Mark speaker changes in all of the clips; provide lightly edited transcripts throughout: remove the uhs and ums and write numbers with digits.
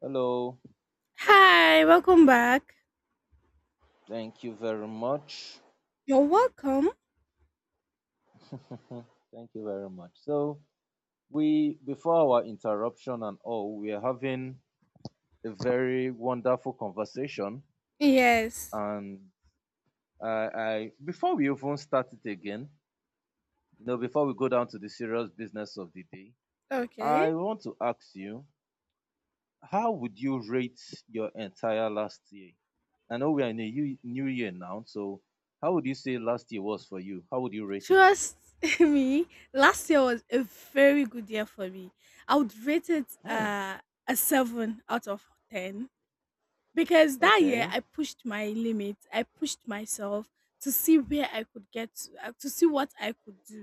Speaker 1: Hello.
Speaker 2: Hi, welcome back.
Speaker 1: Thank you very much.
Speaker 2: You're welcome.
Speaker 1: Thank you very much. So we before our interruption and all, we are having a very wonderful conversation.
Speaker 2: Yes,
Speaker 1: And I, I, before we even start it again, before we go down to the serious business of the day, I
Speaker 2: okay.
Speaker 1: want to ask you, how would you rate your entire last year? I know we are in a new year now, so how would you say last year was for you? How would you rate it?
Speaker 2: Trust me, last year was a very good year for me. I would rate it
Speaker 1: Hmm.
Speaker 2: a 7 out of 10. Because that year
Speaker 1: Okay.
Speaker 2: I pushed my limit. I pushed myself to see where I could get to see what I could do.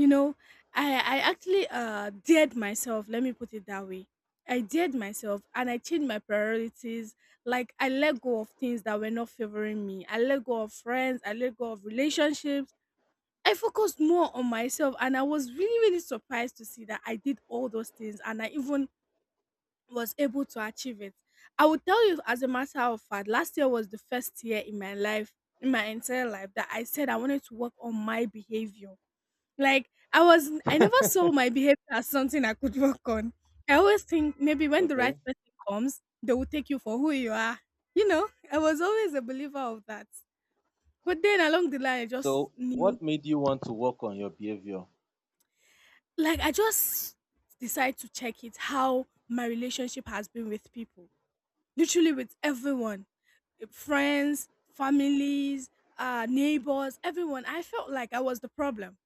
Speaker 2: You know, I actually dared myself. Let me put it that way. I dared myself and I changed my priorities. Like I let go of things that were not favoring me. I let go of friends. I let go of relationships. I focused more on myself and I was really surprised to see that I did all those things and I even was able to achieve it. I will tell you, as a matter of fact, last year was the first year in my life, in my entire life, that I said I wanted to work on my behavior. Like I never saw my behavior as something I could work on. I always think maybe when the right
Speaker 1: Okay.
Speaker 2: person comes, they will take you for who you are. You know, I was always a believer of that. But then along the line I just
Speaker 1: So,
Speaker 2: knew,
Speaker 1: what made you want to work on your behavior?
Speaker 2: like I just decide to check it, how my relationship has been with people. Literally with everyone, friends, families, neighbors, everyone. I felt like I was the problem.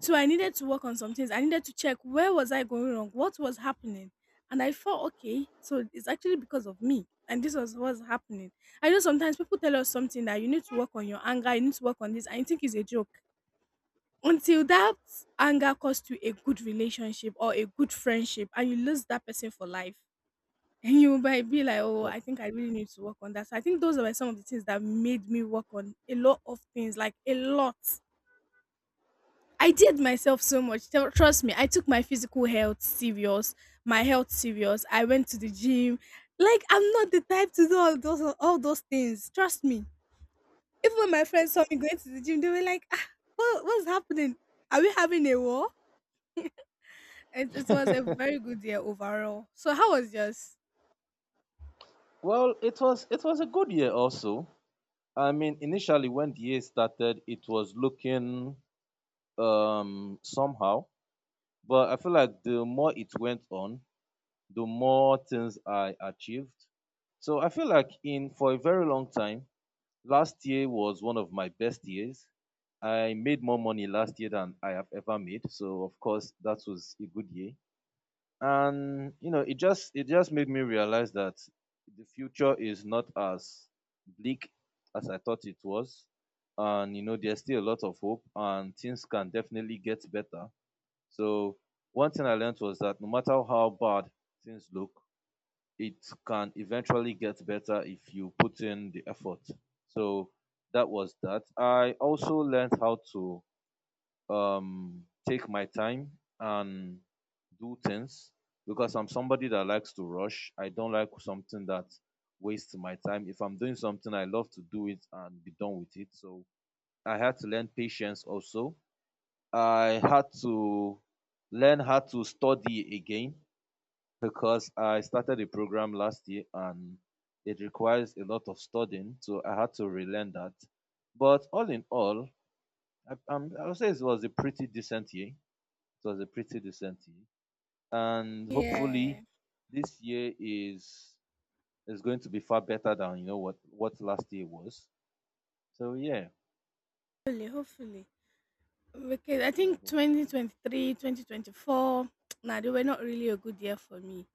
Speaker 2: So I needed to work on some things. I needed to check, where was I going wrong? What was happening? And I felt okay. So it's actually because of me. And this was what's happening. I know sometimes people tell us something, that you need to work on your anger, you need to work on this, and you think it's a joke. Until that anger costs you a good relationship or a good friendship and you lose that person for life, and you might be like, oh, I think I really need to work on that. So I think those were some of the things that made me work on a lot of things, like a lot. I did myself so much. Trust me, I took my physical health serious, my health serious. I went to the gym. Like, I'm not the type to do all those things. Trust me. Even when my friends saw me going to the gym, they were like, ah, what's happening? Are we having a war? It was a
Speaker 1: Definitely.
Speaker 2: very good year overall. So how was yours?
Speaker 1: Well, it was a good year also. I mean, initially when the year started, it was looking somehow, but I feel like the more it went on, the more things I achieved. So I feel like in for a very long time, last year was one of my best years. I made more money last year than I have ever made. So of course that was a good year. And it just made me realize that the future is not as bleak as I thought it was, and there's still a lot of hope and things can definitely get better. So one thing I learned was that no matter how bad things look, it can eventually get better if you put in the effort. So that was that. I also learned how to take my time and do things, because I'm somebody that likes to rush. I don't like something that wastes my time. If I'm doing something, I love to do it and be done with it. So I had to learn patience also. I had to learn how to study again because I started a program last year and it requires a lot of studying. So I had to relearn that. But all in all, I would say it was a pretty decent year. It was a pretty decent year, and
Speaker 2: Yeah.
Speaker 1: hopefully this year is going to be far better than what last year was. So yeah,
Speaker 2: Hopefully, hopefully. Because I
Speaker 1: yeah,
Speaker 2: think twenty
Speaker 1: hopefully.
Speaker 2: twenty three, 2024. 2024, nah, they were not really a good year for me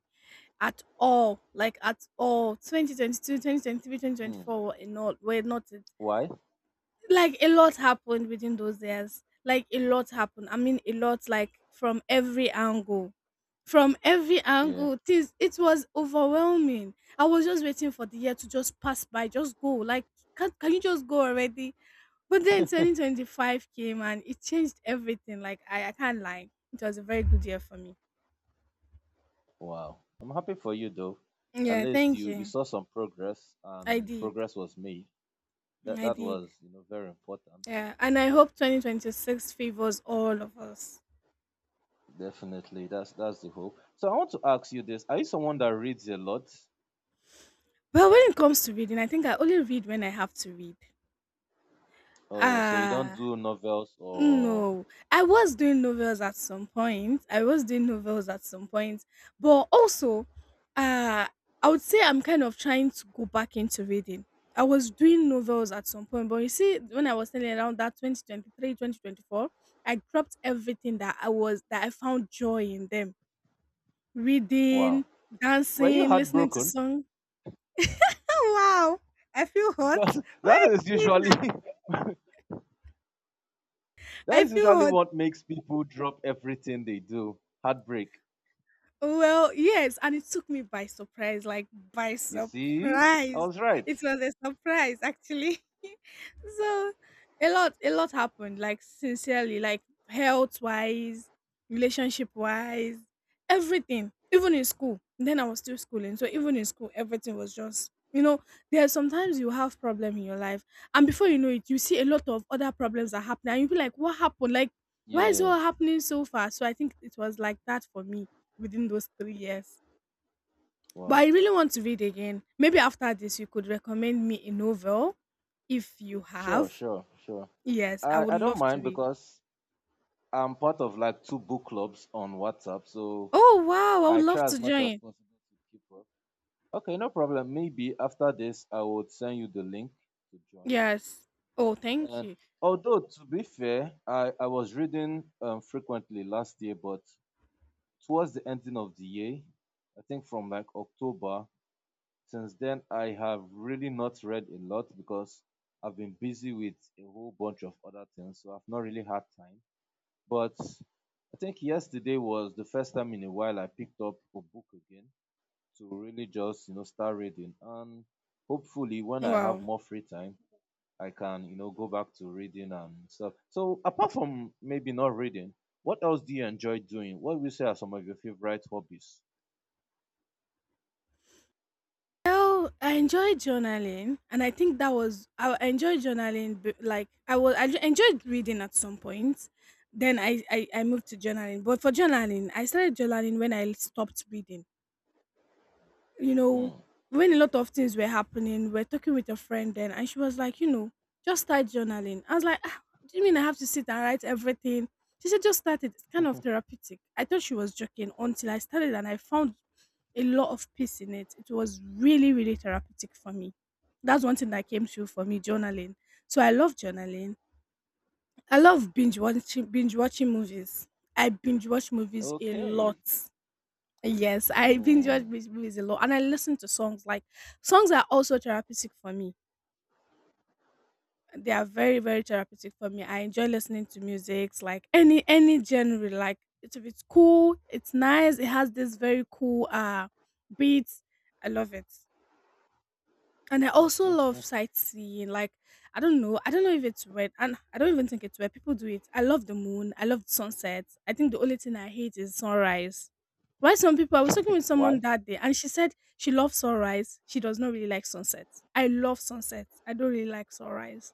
Speaker 2: at all. Like, at all. 2022, 2023, twenty twenty
Speaker 1: Hmm.
Speaker 2: four were not it.
Speaker 1: Why?
Speaker 2: Like, a lot happened within those years. Like, a lot happened. I mean, a lot, like, from every angle. From every
Speaker 1: Yeah.
Speaker 2: angle, this it was overwhelming. I was just waiting for the year to just pass by, just go. Like, can you just go already? But then 2025 came and it changed everything. Like I can't lie. It was a very good year for me.
Speaker 1: Wow. I'm happy for you though. At
Speaker 2: Yeah,
Speaker 1: least
Speaker 2: thank
Speaker 1: you
Speaker 2: you.
Speaker 1: saw some progress
Speaker 2: I
Speaker 1: and
Speaker 2: did.
Speaker 1: progress was made. That
Speaker 2: I
Speaker 1: that
Speaker 2: did.
Speaker 1: was very important.
Speaker 2: Yeah. And I hope 2026 favors all of us.
Speaker 1: Definitely. That's the hope. So I want to ask you this: are you someone that reads a lot?
Speaker 2: Well, when it comes to reading, I think I only read when I have to read.
Speaker 1: Oh, so you don't
Speaker 2: Ah,
Speaker 1: do novels or—
Speaker 2: No, I was doing novels at some point. I was doing novels at some point, but also, uh, I would say I'm kind of trying to go back into reading. I was doing novels at some point, but you see, when I was telling around that 2023, 2024, I dropped everything that I found joy in them,
Speaker 1: wow?
Speaker 2: reading,
Speaker 1: Were you
Speaker 2: dancing, listening to
Speaker 1: heartbroken?
Speaker 2: song. Oh wow, I feel hot.
Speaker 1: Because
Speaker 2: Why?
Speaker 1: that is usually that
Speaker 2: I
Speaker 1: is
Speaker 2: feel
Speaker 1: usually
Speaker 2: hot.
Speaker 1: what makes people drop everything they do. Heartbreak.
Speaker 2: Well, yes, and it took me by surprise, like, by
Speaker 1: You see? I
Speaker 2: surprise.
Speaker 1: was right.
Speaker 2: It was a surprise actually. So a lot happened, like sincerely, like, health wise, relationship wise, everything. Even in school. Then I was still schooling. So even in school, everything was just. There are sometimes you have problem in your life, and before you know it, you see a lot of other problems are happening, and you be like, "What happened? Like, why is it
Speaker 1: Yeah.
Speaker 2: all happening so fast?" So I think it was like that for me within those 3 years. But
Speaker 1: Wow.
Speaker 2: I really want to read again. Maybe after this, you could recommend me a novel if you
Speaker 1: Sure,
Speaker 2: have.
Speaker 1: sure, sure.
Speaker 2: Yes, I
Speaker 1: I,
Speaker 2: would
Speaker 1: I don't
Speaker 2: love to
Speaker 1: mind
Speaker 2: read.
Speaker 1: because I'm part of like two book clubs on WhatsApp, so
Speaker 2: Oh, wow. I would
Speaker 1: I
Speaker 2: love
Speaker 1: try as
Speaker 2: to
Speaker 1: much as
Speaker 2: join.
Speaker 1: possible to keep up. Okay, no problem. Maybe after this, I would send you the link to join.
Speaker 2: Yes. Oh, thank
Speaker 1: And
Speaker 2: you.
Speaker 1: although to be fair, I was reading frequently last year, but towards the ending of the year, I think from like October. Since then, I have really not read a lot because I've been busy with a whole bunch of other things, so I've not really had time. But I think yesterday was the first time in a while I picked up a book again to really just start reading. And hopefully, when I have
Speaker 2: Wow.
Speaker 1: more free time, I can go back to reading and stuff. So, apart from maybe not reading, what else do you enjoy doing? What would you say are some of your favorite hobbies?
Speaker 2: Well, I enjoy journaling, and I think that was I enjoyed journaling. Like I enjoyed reading at some point. Then I moved to journaling, but for journaling, I started journaling when I stopped reading. You know,
Speaker 1: Hmm.
Speaker 2: when a lot
Speaker 1: Okay.
Speaker 2: of things were happening, we are talking with a friend then, and she was like, just start journaling. I was like, "Ah, do you mean I have to sit and write everything?" She said, just start it. It's kind of therapeutic. I thought she was joking until I started and I found a lot of peace in it. It was really, really therapeutic for me. That's one thing that came through for me,
Speaker 1: Wow.
Speaker 2: journaling. So I love journaling. I love binge watching movies. I binge watch movies a
Speaker 1: Okay.
Speaker 2: lot. Yes, I binge
Speaker 1: Mm.
Speaker 2: watch movies a lot, and I listen to songs. Like, songs are also therapeutic for me. They are very, very therapeutic for me. I enjoy listening to music, like any genre. Like, it's if it's cool, it's nice. It has this very cool beats. I love it. And I also love sightseeing. Like, I don't know. I don't know if it's weird, and I don't even think it's weird. People do it. I love the moon. I love the sunset. I think the only thing I hate is sunrise. Why some people? I was talking with someone
Speaker 1: Why?
Speaker 2: that day and she said she loves sunrise. She does not really like sunset. I love sunset. I don't really like sunrise.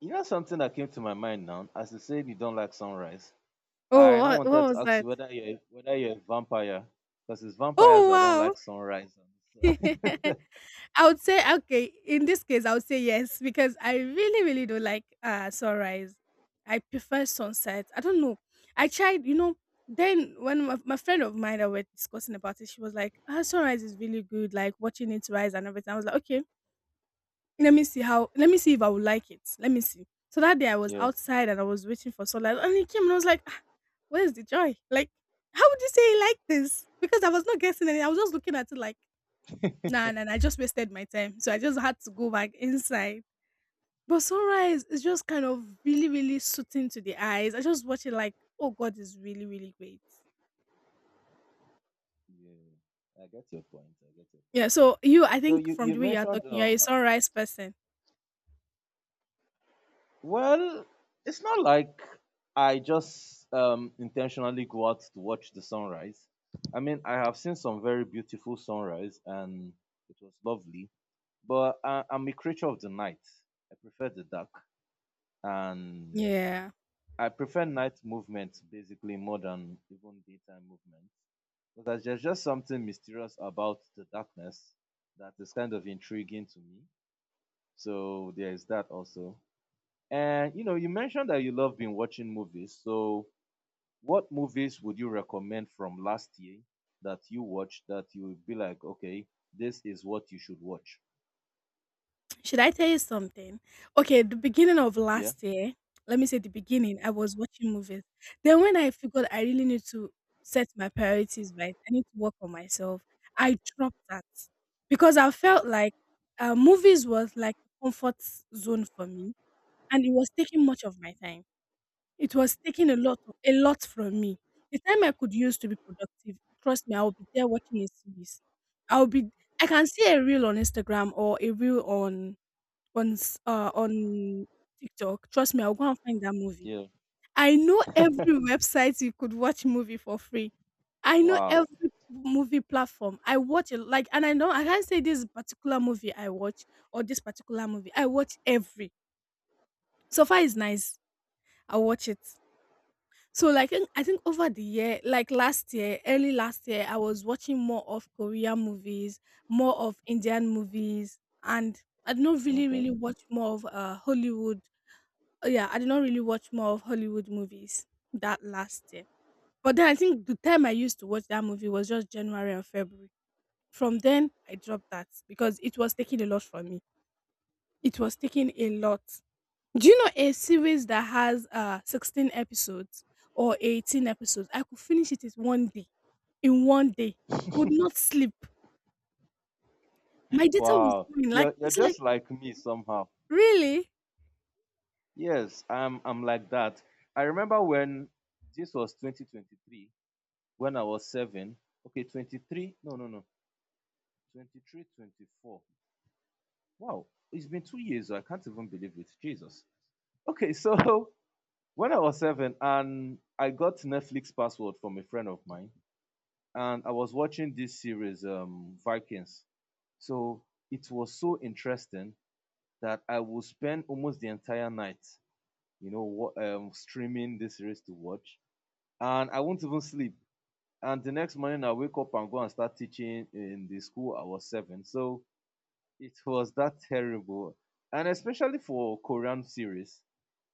Speaker 1: You know something that came to my mind now. As you said, you don't like sunrise.
Speaker 2: Oh,
Speaker 1: I now
Speaker 2: what
Speaker 1: wanted to
Speaker 2: was
Speaker 1: ask
Speaker 2: that?
Speaker 1: you whether you're a vampire, because it's vampires that don't
Speaker 2: Oh,
Speaker 1: like sunrise.
Speaker 2: wow. I would say, okay, in this case I would say yes, because I really don't like sunrise. I prefer sunset. I don't know. I tried, you know, then when my friend of mine that we're discussing about it, she was like, sunrise is really good, like watching it rise and everything. I was like, okay, let me see if I would like it. Let me see. So that day I was
Speaker 1: Yeah.
Speaker 2: outside and I was waiting for sunlight and it came and I was like, where's the joy? Like, how would you say you like this? Because I was not guessing anything. I was just looking at it like, nah, nah, nah, I just wasted my time. So I just had to go back inside. But sunrise is just kind of really, really soothing to the eyes. I just watch it like, oh God, is really, really great.
Speaker 1: Yeah. I get your point. I get your
Speaker 2: Yeah.
Speaker 1: point.
Speaker 2: So you, I
Speaker 1: So
Speaker 2: think,
Speaker 1: you
Speaker 2: from
Speaker 1: you
Speaker 2: the way you are
Speaker 1: mentioned
Speaker 2: talking, you're a
Speaker 1: um
Speaker 2: sunrise person.
Speaker 1: Well, it's not like I just intentionally go out to watch the sunrise. I mean, I have seen some very beautiful sunrise, and it was lovely. But I'm a creature of the night. I prefer the dark, and
Speaker 2: Yeah.
Speaker 1: I prefer night movements basically more than even daytime movements. Because there's just something mysterious about the darkness that is kind of intriguing to me. So there is that also. And you mentioned that you love been watching movies. So, what movies would you recommend from last year that you watched that you would be like, okay, this is what you should watch?
Speaker 2: Should I tell you something? Okay, the beginning of
Speaker 1: Yeah.
Speaker 2: last year, let me say the beginning, I was watching movies. Then when I figured I really need to set my priorities right, I need to work on myself, I dropped that because I felt like movies was like a comfort zone for me, and it was taking much of my time. It was taking a lot from me. The time I could use to be productive, trust me, I will be there watching a series. I'll be. I can see a reel on Instagram or a reel on TikTok. Trust me, I'll go and find that movie.
Speaker 1: Yeah.
Speaker 2: I know every website you could watch movie for free. I know
Speaker 1: Wow.
Speaker 2: every movie platform. I watch it like, and I know I can't say this particular movie I watch or this particular movie. I watch every. So far is nice. I watch it. So like I think over the year, like last year, early last year, I was watching more of Korean movies, more of Indian movies, and I don't really, really
Speaker 1: Okay.
Speaker 2: watch more of Hollywood. Oh, yeah, I did not really watch more of Hollywood movies that last year. But then I think the time I used to watch that movie was just January and February. From then, I dropped that because it was taking a lot from me. It was taking a lot. Do you know a series that has 16 episodes or 18 episodes? I could finish it in one day. In one day. I would not sleep. My data was
Speaker 1: Wow.
Speaker 2: going like,
Speaker 1: You're
Speaker 2: it's like,
Speaker 1: just like me somehow.
Speaker 2: really?
Speaker 1: Yes, I'm like that. I remember when this was 2023, when I was seven. Okay, 23. No, no, no. 23, 24. Wow. It's been 2 years. I can't even believe it. Jesus. Okay, so when I was seven and I got Netflix password from a friend of mine, and I was watching this series, Vikings. So it was so interesting that I would spend almost the entire night, streaming this series to watch, and I won't even sleep. And the next morning, I wake up and go and start teaching in the school. I was seven. So it was that terrible. And especially for Korean series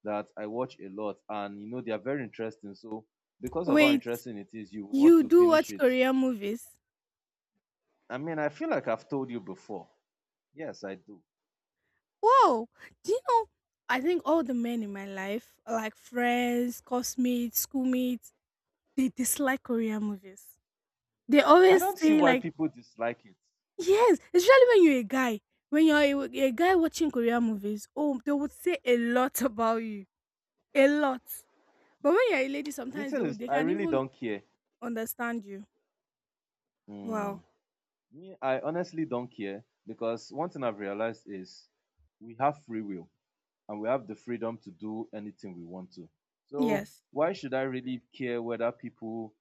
Speaker 1: that I watch a lot, and you know they are very interesting. So because of how
Speaker 2: Wait,
Speaker 1: interesting it is, you want
Speaker 2: you
Speaker 1: to
Speaker 2: do
Speaker 1: finish
Speaker 2: watch
Speaker 1: it.
Speaker 2: Korean movies?
Speaker 1: I mean, I feel like I've told you before. Yes, I do.
Speaker 2: Whoa! Do you know? I think all the men in my life, like friends, classmates, schoolmates, they dislike Korean movies. They
Speaker 1: I
Speaker 2: always
Speaker 1: don't see
Speaker 2: say
Speaker 1: why
Speaker 2: like,
Speaker 1: people dislike it.
Speaker 2: yes, especially when you're a guy. When you're a guy watching Korean movies, oh, they would say a lot about you, a lot. But when you're a lady,
Speaker 1: The
Speaker 2: sometimes they
Speaker 1: thing is,
Speaker 2: would, they
Speaker 1: I
Speaker 2: can
Speaker 1: really
Speaker 2: even
Speaker 1: don't care.
Speaker 2: understand you.
Speaker 1: Hmm.
Speaker 2: Wow.
Speaker 1: Me, I honestly don't care because one thing I've realized is we have free will and we have the freedom to do anything we want to. So
Speaker 2: Yes.
Speaker 1: why should I really care whether people,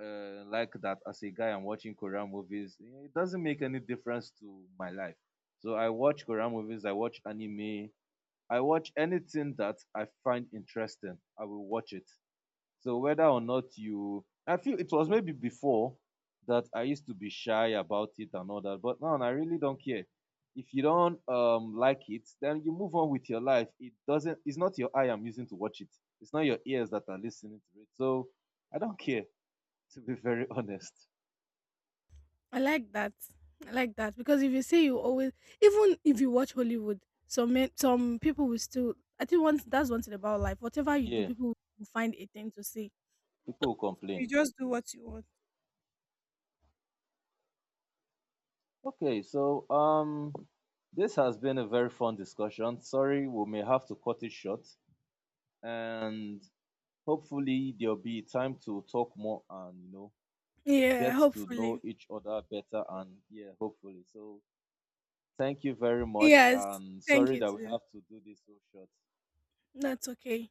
Speaker 1: like, that as a guy I'm watching Korean movies? Yeah, it doesn't make any difference to my life. So I watch Korean movies, I watch anime, I watch anything that I find interesting, I will watch it. So whether or not you I feel it was maybe before that I used to be shy about it and all that, but now I really don't care. If you don't like it, then you move on with your life. It's not your eye I'm using to watch it. It's not your ears that are listening to it. So I don't care, to be very honest.
Speaker 2: I like that. I like that because if you say you always, even if you watch Hollywood, some men, some people will still. I think once that's one thing about life. Whatever you do,
Speaker 1: Yeah,
Speaker 2: people will find a thing to say.
Speaker 1: people will complain.
Speaker 2: You just do
Speaker 1: Yes.
Speaker 2: what you want.
Speaker 1: Okay, so this has been a very fun discussion. Sorry, we may have to cut it short, and hopefully there'll be time to talk more, and
Speaker 2: Yeah,
Speaker 1: get to know
Speaker 2: hopefully.
Speaker 1: each other better, and yeah, hopefully. So thank you very much,
Speaker 2: Yes.
Speaker 1: and
Speaker 2: Thank
Speaker 1: sorry
Speaker 2: you
Speaker 1: that we
Speaker 2: too.
Speaker 1: have to do this so short.
Speaker 2: That's okay.